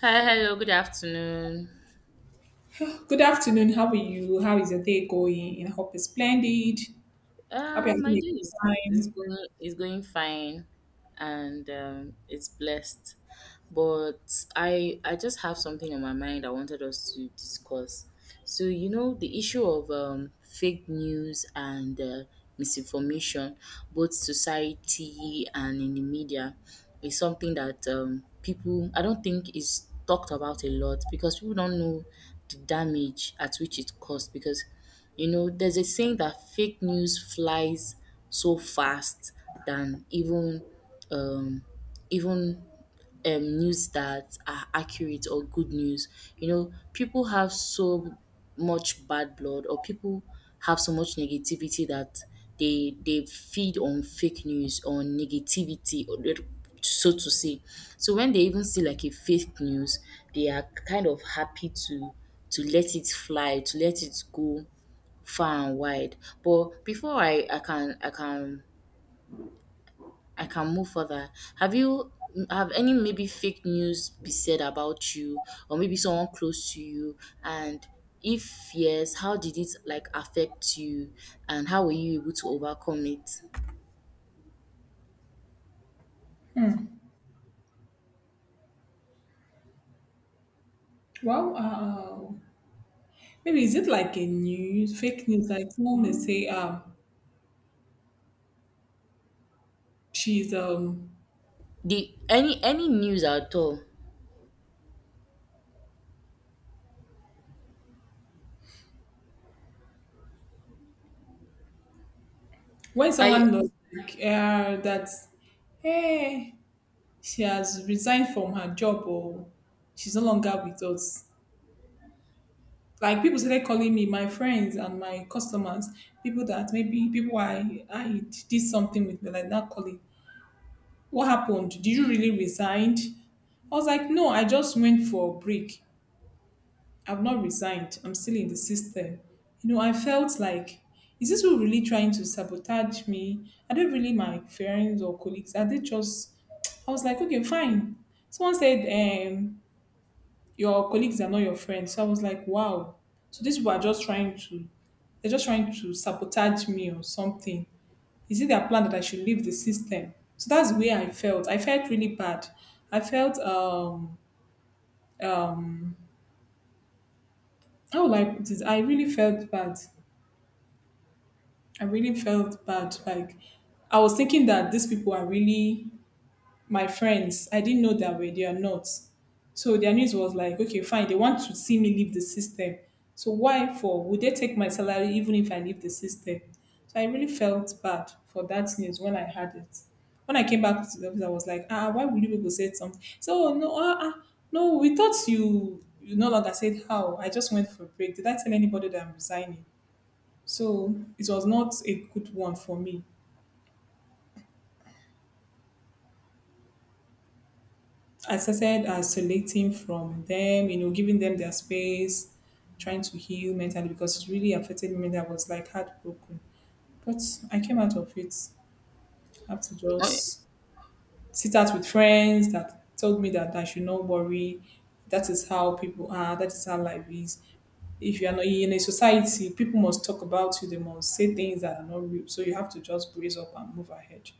Hi, hello, good afternoon. Good afternoon. How are you? How is your day going? I hope it's splendid. Hope you're My having a day good is, time. Is going fine, and it's blessed. But I just have something on my mind I wanted us to discuss. So you know the issue of fake news and misinformation, both society and in the media, is something that people I don't think is talked about a lot because people don't know the damage at which it caused because you know, there's a saying that fake news flies so fast than um, even news that are accurate or good news. You know, people have so much bad blood, or people have so much negativity that they feed on fake news on negativity or so to say. So when they even see like a fake news, they are kind of happy to let it fly, to let it go far and wide. But before I can I can move further. Have you have any maybe fake news be said about you or maybe someone close to you, and if yes, how did it like affect you and how were you able to overcome it? Well, maybe is it like a news, fake news? Like someone may say, she's The any news at all? when I someone knows like that, hey, she has resigned from her job or she's no longer with us. Like people started calling me, my friends and my customers, people that maybe, people I did something with me, like not calling. What happened? Did you really resigned? I was like, no, I just went for a break. I've not resigned. I'm still in the system. You know, I felt like, is this who really trying to sabotage me? Are they really my friends or colleagues? Are they just? I was like, okay, fine. Someone said, your colleagues are not your friends. So I was like, wow. So these people are just trying to, they're just trying to sabotage me, or something, is it their plan that I should leave the system? So that's the way I felt. I felt really bad. I felt um how will I put it? I really felt bad. I really felt bad. Like I was thinking that these people are really my friends. I didn't know that way. They are not. So their news was like, okay, fine. They want to see me leave the system. So why for? Would they take my salary even if I leave the system? So I really felt bad for that news when I had it. When I came back to the office, I was like, ah, why would you people say something? So, "Oh, no, ah, ah, no, we thought you no longer said how. I just went for a break. Did I tell anybody that I'm resigning? So it was not a good one for me. I started isolating from them, you know, giving them their space, trying to heal mentally because it really affected me. That I was like heartbroken. But I came out of it. I have to okay. just sit out with friends that told me that I should not worry. That is how people are. That is how life is. If you are not in a society, people must talk about you. They must say things that are not real. So you have to just brace up and move ahead,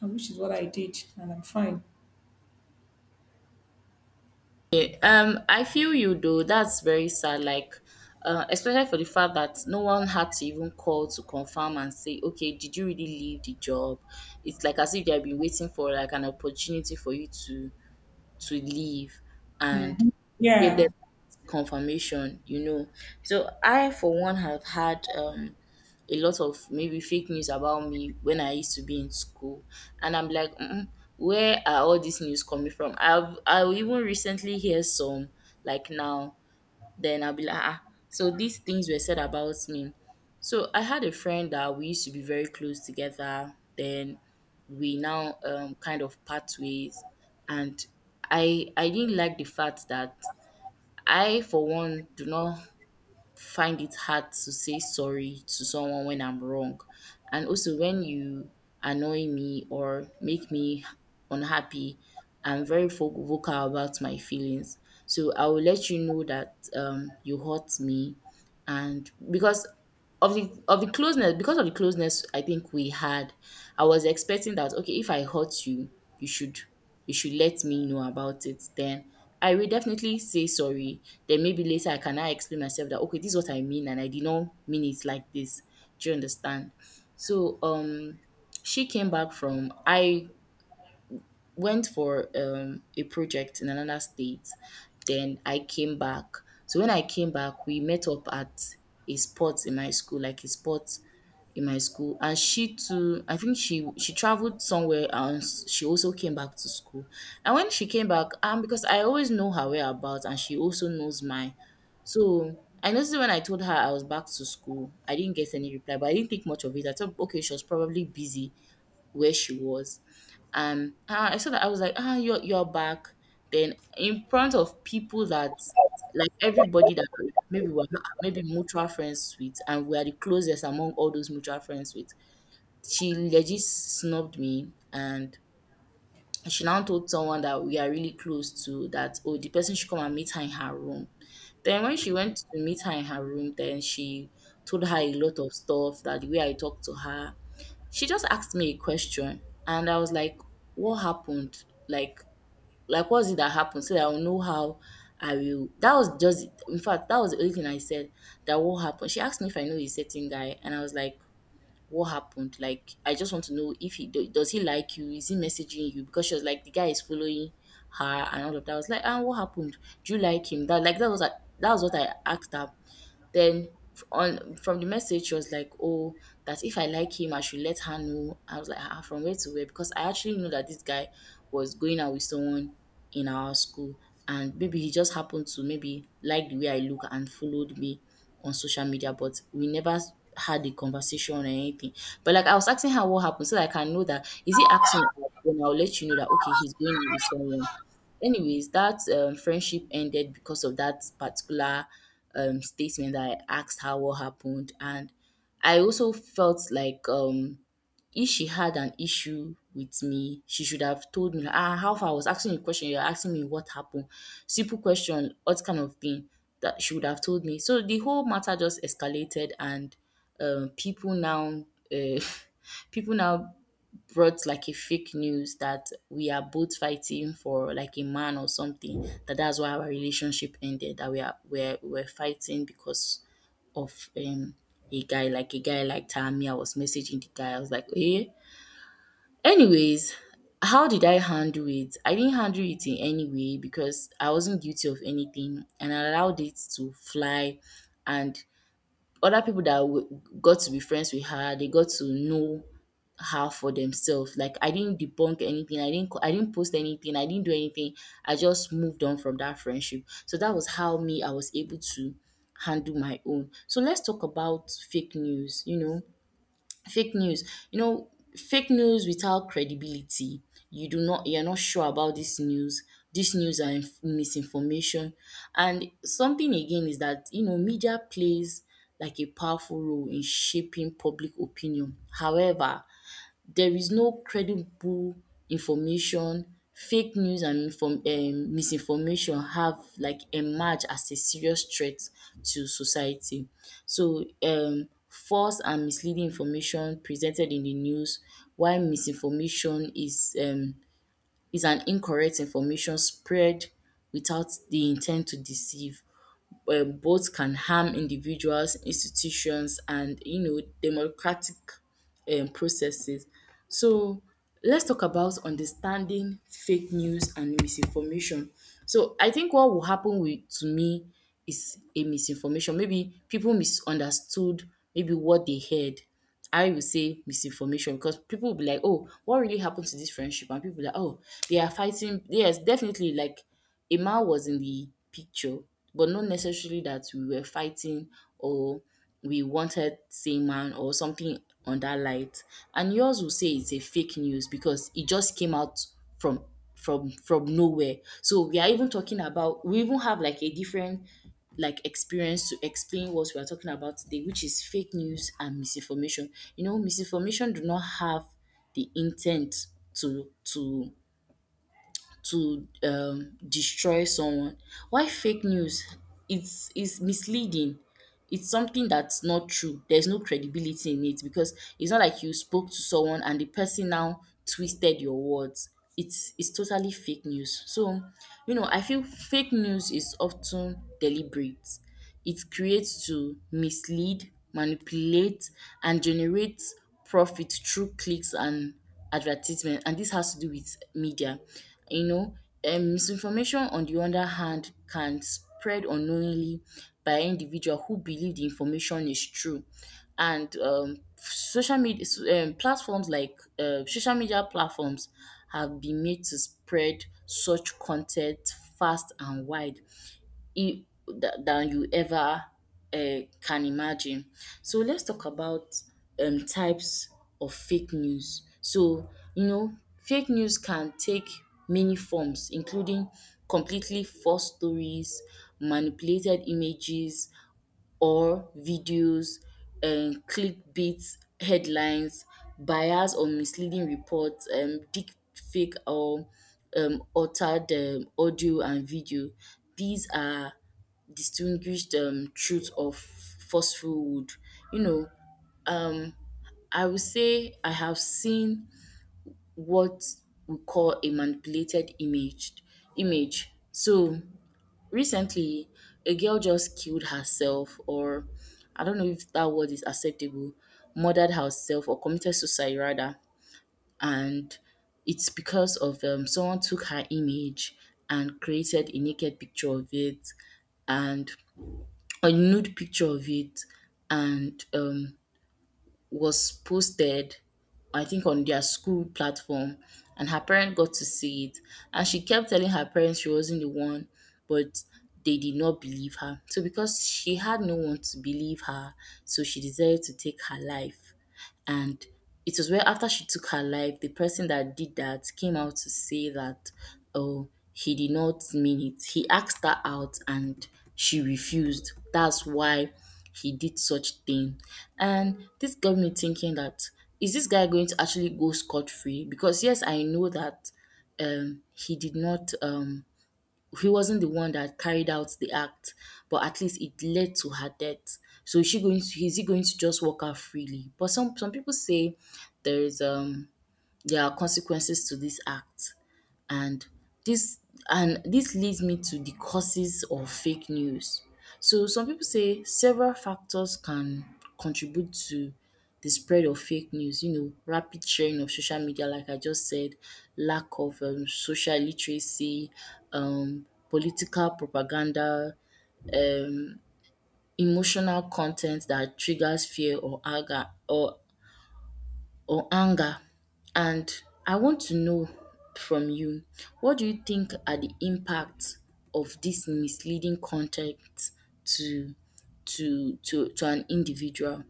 and which is what I did, and I'm fine. I feel you though. That's very sad, like especially for the fact that no one had to even call to confirm and say, okay, did you really leave the job? It's like as if they have been waiting for like an opportunity for you to leave and give Yeah. them confirmation, you know. So I for one have had a lot of maybe fake news about me when I used to be in school, and I'm like where are all these news coming from? I even recently hear some like now, then I'll be like, ah, ah, so these things were said about me. So I had a friend that we used to be very close together. Then we now kind of part ways, and I didn't like the fact that I for one do not find it hard to say sorry to someone when I'm wrong. And also, when you annoy me or make me unhappy, I'm very vocal about my feelings. So I will let you know that you hurt me, and because of the closeness I think we had, I was expecting that okay, if I hurt you, you should you should let me know about it, then I will definitely say sorry. Then maybe later I can now explain myself that okay, this is what I mean and I did not mean it like this. Do you understand? So she came back from I went for a project in another state. Then I came back. So when I came back, we met up at a spot in my school, like a spot in my school. And she too, I think she traveled somewhere and she also came back to school. And when she came back, because I always know her whereabouts and she also knows mine. So I noticed when I told her I was back to school, I didn't get any reply, but I didn't think much of it. I thought, okay, she was probably busy where she was. And ah, I saw that I was like, ah, you're back. Then in front of people that like everybody that maybe were maybe mutual friends with, and we are the closest among all those mutual friends with. She legit snubbed me, and she now told someone that we are really close to that oh, the person should come and meet her in her room. Then when she went to meet her in her room, then she told her a lot of stuff that the way I talked to her, she just asked me a question, and I was like, what happened, like what's it that happened so that I will know how I will. That was just, in fact that was the only thing I said, that what happened. She asked me if I know a certain guy, and I was like, what happened, like I just want to know if does he like you, is he messaging you, because she was like the guy is following her and all of that. I was like, ah, what happened, do you like him, that like that was what I asked her. Then on from the message, she was like, "Oh, that if I like him, I should let her know." I was like, "Ah, from where to where?" Because I actually knew that this guy was going out with someone in our school, and maybe he just happened to maybe like the way I look and followed me on social media, but we never had a conversation or anything. But like I was asking her what happened so that I can know that is he asking you out, then I'll let you know that okay, he's going out with someone. Anyways, that friendship ended because of that particular statement that I asked her what happened. And I also felt like if she had an issue with me, she should have told me, ah, how far, I was asking you a question, you're asking me what happened. Simple question, what kind of thing that she would have told me. So the whole matter just escalated, and people now. Uh, people now brought like a fake news that we are both fighting for like a man or something, that that's why our relationship ended, that we are we're fighting because of a guy, like a guy like Tammy. I was messaging the guy. I was like, eh. Anyways, how did I handle it? I didn't handle it in any way because I wasn't guilty of anything, and I allowed it to fly, and other people that got to be friends with her, they got to know her for themselves. Like I didn't debunk anything, I didn't co- I didn't post anything, I didn't do anything. I just moved on from that friendship. So that was how me I was able to handle my own. So let's talk about fake news, you know, fake news you know fake news without credibility. You do not, you're not sure about this news, this news are misinformation. And something again is that you know media plays like a powerful role in shaping public opinion. However, there is no credible information, fake news and inform misinformation have like emerged as a serious threat to society. So false and misleading information presented in the news, while misinformation is an incorrect information spread without the intent to deceive. Both can harm individuals, institutions, and you know democratic processes. So let's talk about understanding fake news and misinformation. So I think what will happen with to me is a misinformation. Maybe people misunderstood maybe what they heard. I will say misinformation because people will be like, oh, what really happened to this friendship? And people be like, oh, they are fighting. Yes, definitely. Like Emma was in the picture, but not necessarily that we were fighting or we wanted same man or something on that light. And yours will say it's a fake news because it just came out from from nowhere. So we are even talking about we even have like a different like experience to explain what we are talking about today, which is fake news and misinformation. You know, misinformation do not have the intent to to to destroy someone. Why fake news? It's misleading. It's something that's not true. There's no credibility in it because it's not like you spoke to someone and the person now twisted your words. It's totally fake news. So, you know, I feel fake news is often deliberate. It creates to mislead, manipulate, and generate profit through clicks and advertisement. And this has to do with media. You know, misinformation, on the other hand, can spread unknowingly by individual who believe the information is true. And social media platforms like social media platforms have been made to spread such content fast and wide, than you ever can imagine. So let's talk about types of fake news. So, you know, fake news can take many forms, including completely false stories, manipulated images, or videos, clickbait headlines, bias or misleading reports, deep fake or altered audio and video. These are distinguished truth of falsehood. You know, um, I would say I have seen what we call a manipulated image. Image. So recently, a girl just killed herself, or I don't know if that word is acceptable, murdered herself or committed suicide rather. And it's because of someone took her image and created a naked picture of it and a nude picture of it and was posted, I think, on their school platform, and her parent got to see it. And she kept telling her parents she wasn't the one, but they did not believe her. So, because she had no one to believe her, so she decided to take her life. And it was where after she took her life, the person that did that came out to say that, oh, he did not mean it. He asked her out and she refused. That's why he did such thing. And this got me thinking that is this guy going to actually go scot free? Because yes, I know that he did not, he wasn't the one that carried out the act, but at least it led to her death. So is he going to just walk out freely? But some people say there is um there are consequences to this act. And this and this leads me to the causes of fake news. So some people say several factors can contribute to the spread of fake news, you know, rapid sharing of social media, like I just said, lack of social literacy, political propaganda, um, emotional content that triggers fear or anger or anger. And I want to know from you, what do you think are the impacts of this misleading content to to an individual?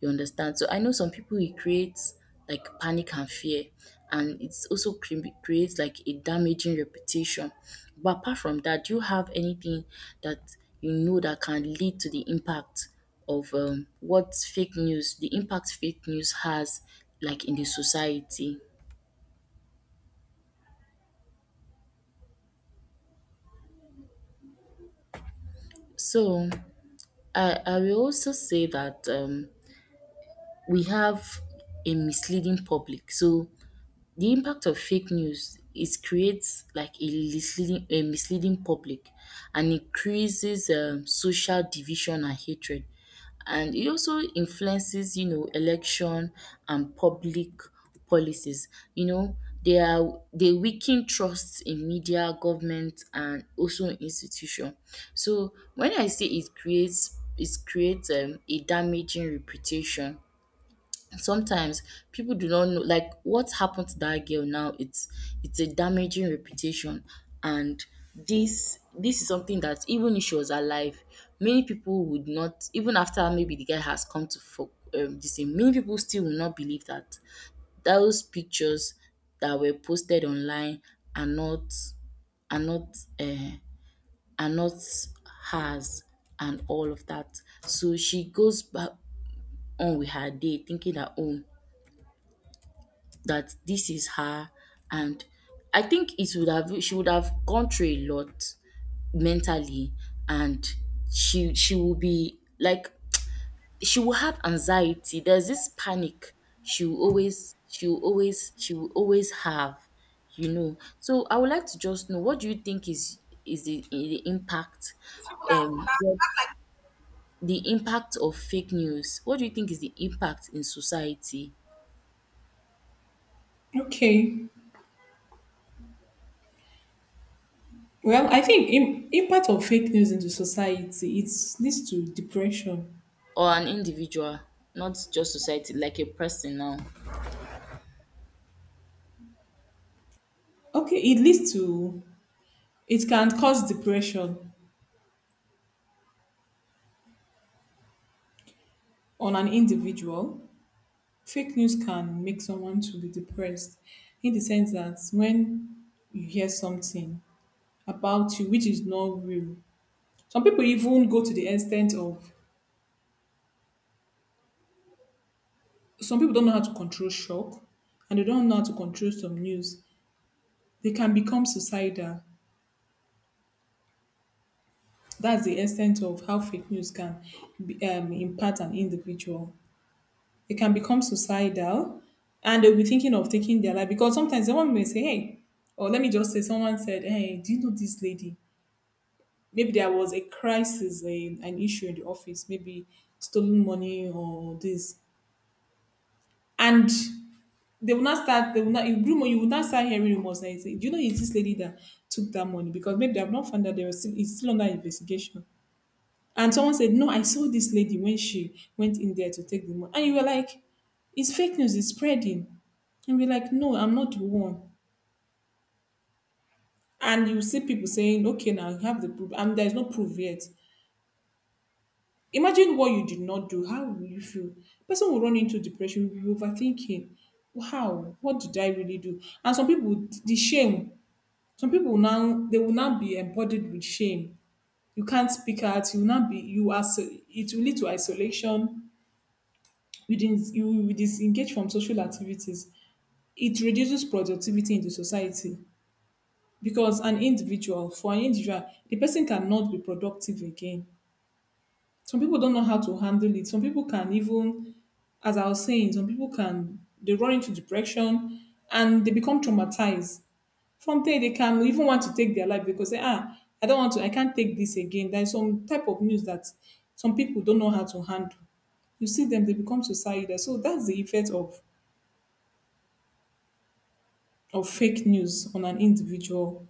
You understand? So I know some people it creates like panic and fear and it's also creates like a damaging reputation. But apart from that, do you have anything that you know that can lead to the impact of what fake news, the impact fake news has like in the society? So I will also say that we have a misleading public. So the impact of fake news is creates like a misleading public and increases social division and hatred. And it also influences, you know, election and public policies. You know, they weaken trust in media, government and also in institution. So when I say it creates a damaging reputation, sometimes people do not know, like what happened to that girl now, it's a damaging reputation. And this is something that even if she was alive, many people would not, even after maybe the guy has come to for this thing, many people still will not believe that those pictures that were posted online are not are not uh, are not hers and all of that. So she goes back on with her day thinking that, oh, that this is her. And I think it would have she would have gone through a lot mentally. And she will be like, she will have anxiety, there's this panic. She will always have, you know. So I would like to just know, what do you think is the impact, what the impact of fake news, what do you think is the impact in society Okay. Well, I think impact of fake news into society, it leads to depression. or an individual, not just society, like a person now. Okay, it leads to, it can cause depression on an individual. Fake news can make someone to be depressed, in the sense that when you hear something about you which is not real, some people even go to the extent of, some people don't know how to control shock, and they don't know how to control some news. They can become suicidal. That's the extent of how fake news can impact an individual. They can become suicidal and they'll be thinking of taking their life, because sometimes someone may say, hey, or let me just say, someone said, hey, do you know this lady? Maybe there was a crisis, a, an issue in the office, maybe stolen money or this. And they will not start, they will not, you rumor, you will not start hearing rumors. And say, do you know it's this lady that took that money? Because maybe they have not found that, they were still, it's still under investigation. And someone said, no, I saw this lady when she went in there to take the money. And you were like, it's fake news, it's spreading. And we're like, no, I'm not the one. And you see people saying, okay, now you have the proof. And there's no proof yet. Imagine what you did not do. How will you feel? Person will run into depression, will be overthinking. How? What did I really do? And some people, the shame, some people now, they will now be embodied with shame. You can't speak out. You will not be, you are, it will lead to isolation, you, you will disengage from social activities. It reduces productivity in the society because an individual, for an individual, the person cannot be productive again. Some people don't know how to handle it. Some people can even, as I was saying, some people can, they run into depression and they become traumatized. From there, they can even want to take their life because they, ah, I don't want to, I can't take this again. There's some type of news that some people don't know how to handle, you see them, they become suicidal. So that's the effect of fake news on an individual?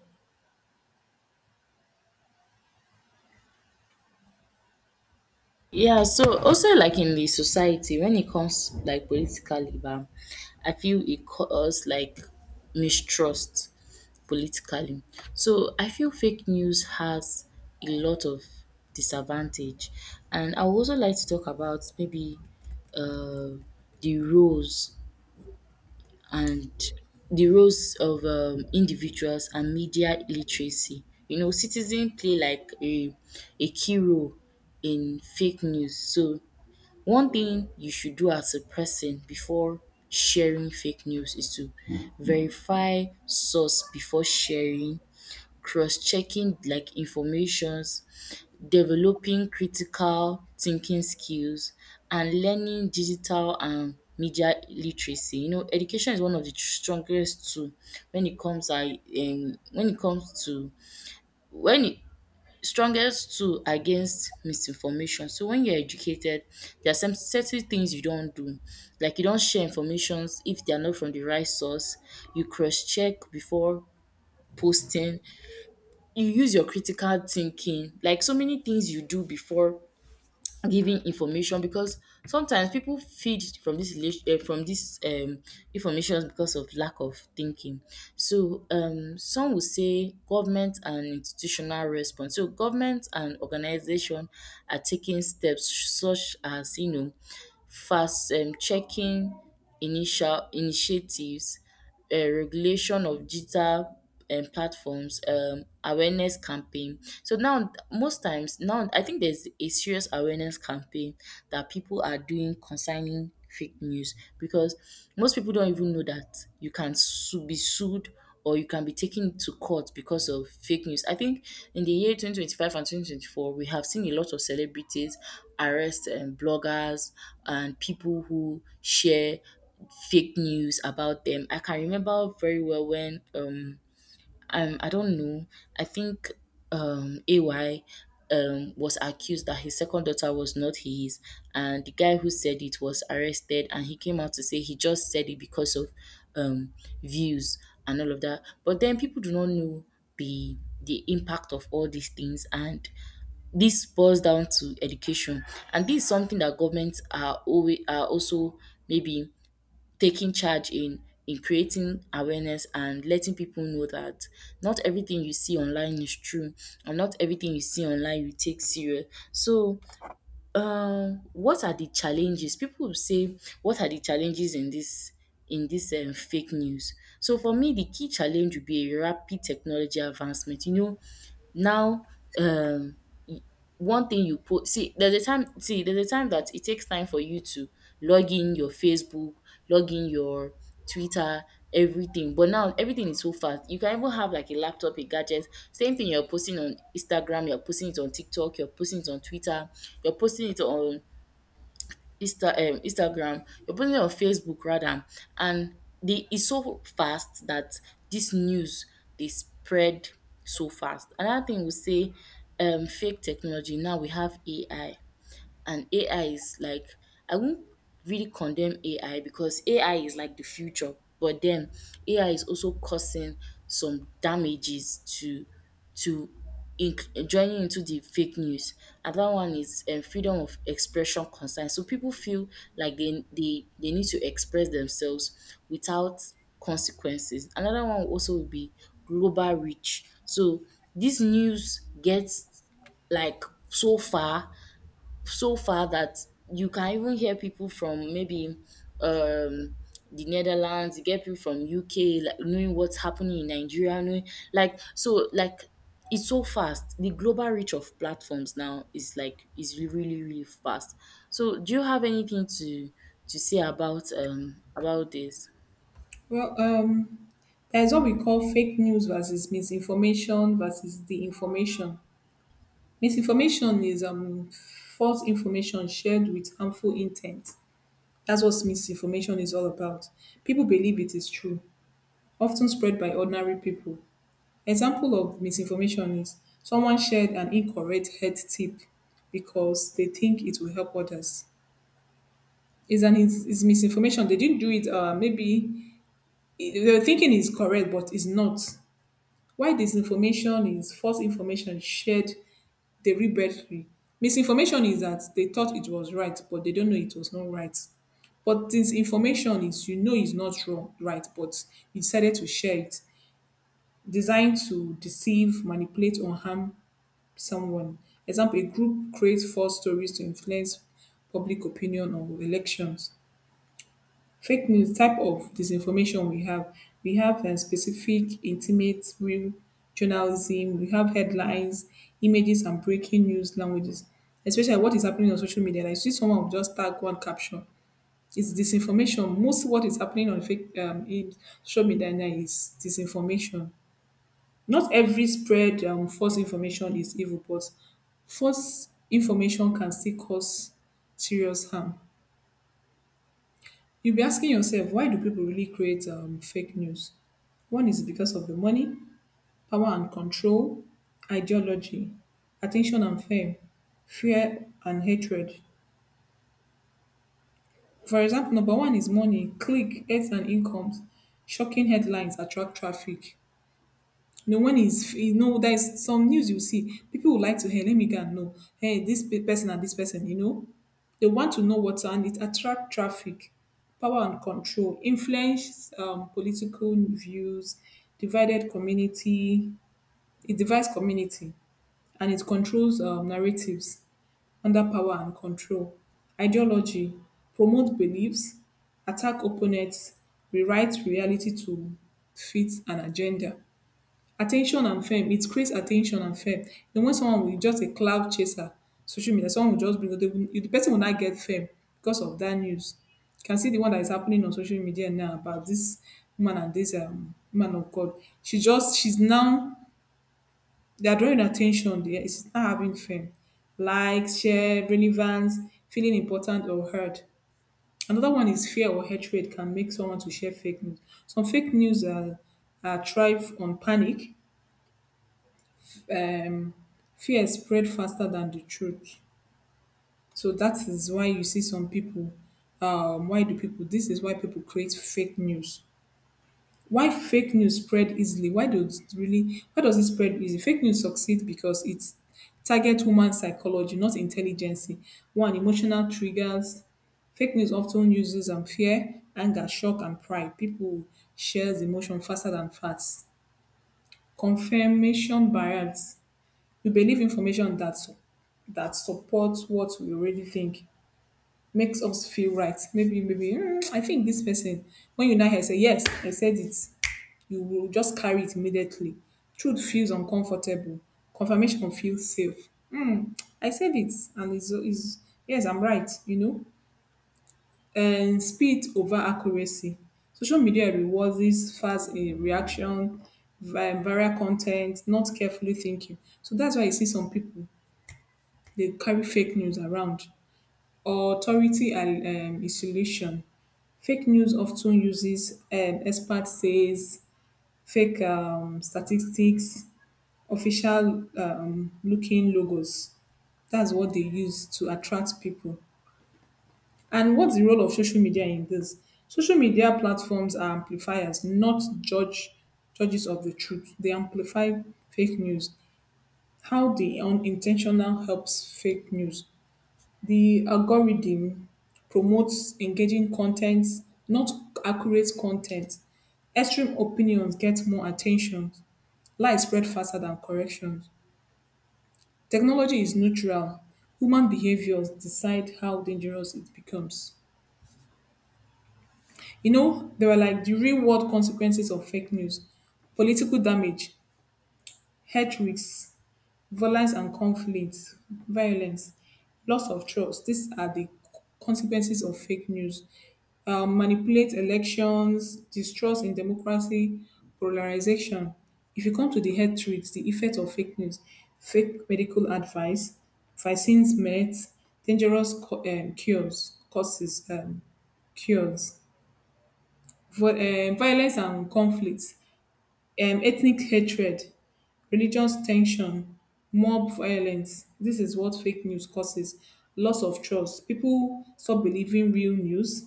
Yeah, so also like in the society, when it comes like political, I feel it cause like mistrust politically. So I feel fake news has a lot of disadvantage, and I would also like to talk about maybe uh, the roles and the roles of individuals and media literacy. You know, citizens play like a key role in fake news. So, one thing you should do as a person before sharing fake news is to verify source before sharing, cross-checking like informations, developing critical thinking skills, and learning digital and media literacy. You know, education is one of the strongest tool when it comes I when it comes to when it strongest tool against misinformation. So when you're educated, there are some certain things you don't do. Like you don't share informations if they are not from the right source. You cross check before posting, you use your critical thinking, like so many things you do before giving information, because sometimes people feed from this relation from this information because of lack of thinking. So some will say government and institutional response. So government and organization are taking steps such as, you know, fast checking initial initiatives, regulation of digital platforms, awareness campaign. So now most times now I think there's a serious awareness campaign that people are doing concerning fake news, because most people don't even know that you can sue, be sued or you can be taken to court because of fake news. I think in the year 2025 and 2024, we have seen a lot of celebrities arrest and bloggers and people who share fake news about them. I can remember very well when I don't know. I think AY was accused that his second daughter was not his, and the guy who said it was arrested and he came out to say he just said it because of um views and all of that. But then people do not know the the impact of all these things, and this boils down to education. And this is something that governments are always are also maybe taking charge in creating awareness and letting people know that not everything you see online is true, and not everything you see online you take serious. So what are the challenges, people will say, what are the challenges in this fake news? So for me, the key challenge would be a rapid technology advancement. You know, now, um one thing you put see there's a time see, there's a time that it takes time for you to log in your Facebook, log in your Twitter, everything, but now everything is so fast. You can even have like a laptop, a gadget, same thing you're posting on Instagram, you're posting it on TikTok, you're posting it on Twitter, you're posting it on Instagram, you're putting it on Facebook rather, and they it's so fast that this news they spread so fast. Another thing we say, fake technology. Now we have AI, and AI is like, I won't really condemn AI because AI is like the future, but then AI is also causing some damages to to joining into the fake news. Another one is freedom of expression concern. So people feel like they need to express themselves without consequences. Another one also would be global reach. So this news gets like so far that you can even hear people from maybe um the Netherlands, you get people from UK, like knowing what's happening in Nigeria, knowing like so like it's so fast. The global reach of platforms now is like is really fast. So do you have anything to say about this? Well, there's what we call fake news versus misinformation versus the information. Misinformation is false information shared with harmful intent. That's what misinformation is all about. People believe it is true, often spread by ordinary people. Example of misinformation is someone shared an incorrect health tip because they think it will help others. Is an is misinformation. They didn't do it. Maybe your thinking is correct, but it's not. Why disinformation is false information shared deliberately. Misinformation is that they thought it was right, but they don't know it was not right. But disinformation is, you know, it's not wrong, right, but you decided to share it. Designed to deceive, manipulate, or harm someone. Example, a group creates false stories to influence public opinion or elections. Fake news type of disinformation we have. We have specific, intimate, real journalism. We have headlines, images, and breaking news languages. Especially what is happening on social media. Like, see someone will just tag one caption. It's disinformation. Most what is happening on fake in social media now is disinformation. Not every spread false information is evil, but false information can still cause serious harm. You'll be asking yourself, why do people really create fake news? One is because of the money, power and control, ideology, attention and fame, fear and hatred. For example, number one is money, click, ads and incomes. Shocking headlines attract traffic. You know, when it's, you know, there's some news you see, people would like to, hey, let me go and know, hey, person and this person, you know, they want to know what's, and it attract traffic, power and control, influence political views, divided community, it divides community, and it controls narratives under power and control, ideology, promote beliefs, attack opponents, rewrite reality to fit an agenda, attention and fame. It creates attention and fame. Then when someone will just a cloud chaser, social media, someone will just bring, they will, the person will not get fame because of that news. You can see the one that is happening on social media now about this woman and this man of God. She just, she's now they are drawing attention. There, it's not having fame, likes, share, relevance, feeling important or heard. Another one is fear or hatred can make someone to share fake news. Some fake news are thrive on panic, um, fear spread faster than the truth. So that is why you see some people. Why do people? This is why people create fake news. Why fake news spread easily? Why does it really? Why does it spread easily? Fake news succeed because it's target human psychology, not intelligence. One, emotional triggers. Fake news often uses fear, anger, shock, and pride. People shares emotion faster than facts. Confirmation bias. We believe information that that supports what we already think, makes us feel right. Maybe, maybe, "Hmm, I think this person." When you now hear say yes, I said it, you will just carry it immediately. Truth feels uncomfortable. Confirmation feels safe. Hmm, I said it, and is yes, I'm right. You know, and speed over accuracy. Social media rewards this fast reaction, viral content, not carefully thinking. So that's why you see some people, they carry fake news around. Authority and isolation. Fake news often uses expert says, fake statistics, official looking logos. That's what they use to attract people. And what's the role of social media in this? Social media platforms are amplifiers, not judges of the truth. They amplify fake news. How the unintentional helps fake news. The algorithm promotes engaging content, not accurate content. Extreme opinions get more attention. Lies spread faster than corrections. Technology is neutral. Human behaviors decide how dangerous it becomes. You know, there are like the real world consequences of fake news, political damage, health risks, violence and conflict, violence, loss of trust. These are the consequences of fake news. Manipulate elections, distrust in democracy, polarization. If you come to the health risks, the effect of fake news, fake medical advice, vaccines, meds, dangerous cures, causes, cures, violence and conflict, ethnic hatred, religious tension, mob violence. This is what fake news causes, loss of trust. People stop believing real news,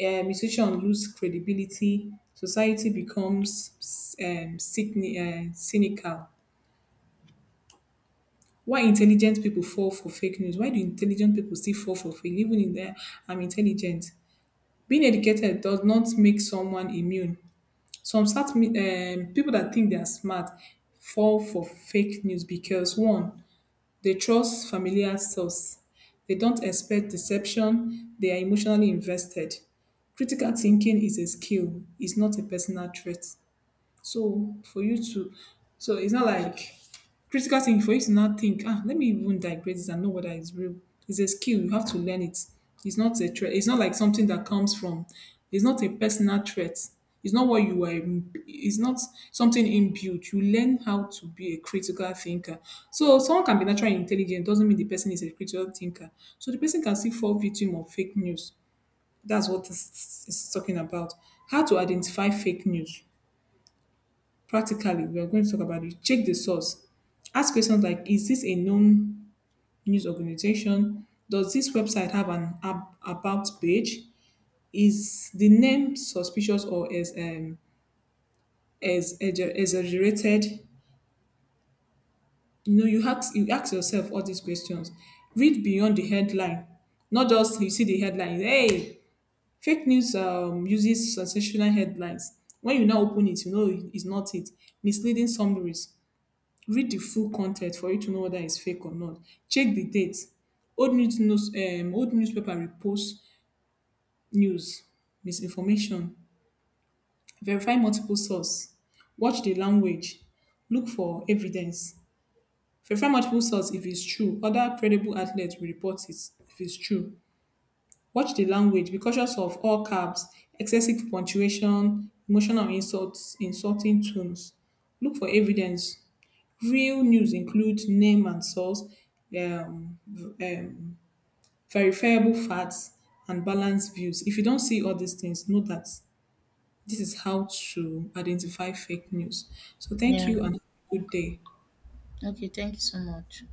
musicians lose credibility, society becomes cynical. Why intelligent people fall for fake news? Why do intelligent people still fall for fake? Even in there, I'm intelligent. Being educated does not make someone immune. Some south people that think they are smart fall for fake news because, one, they trust familiar source, they don't expect deception, they are emotionally invested. Critical thinking is a skill, it's not a personal trait. So for you to, so it's not like critical thinking, for you to not think, ah, let me even digress this and know whether it's real. It's a skill. You have to learn it. It's not a threat. It's not like something that comes from. It's not a personal threat. It's not what you were. It's not something inbuilt. You learn how to be a critical thinker. So someone can be naturally intelligent, doesn't mean the person is a critical thinker. So the person can still fall victim of fake news. That's what this is talking about. How to identify fake news. Practically, we are going to talk about it. Check the source. Ask questions like, is this a known news organization? Does this website have an about page? Is the name suspicious, or is exaggerated? You know, you ask, you ask yourself all these questions. Read beyond the headline, not just you see the headline. Hey, fake news uses sensational headlines. When you now open it, you know it's not it. Misleading summaries, read the full content for you to know whether it's fake or not. Check the date. Old news, old newspaper repost news, misinformation. Verify multiple source, watch the language, look for evidence. Verify multiple source, if it's true other credible outlets will report it, if it's true. Watch the language, be cautious of all caps, excessive punctuation, emotional insults, insulting tones. Look for evidence. Real news include name and source, um, v- um, verifiable facts, and balanced views. If you don't see all these things, know that this is how to identify fake news. So thank Yeah. you and have a good day. Okay, thank you so much.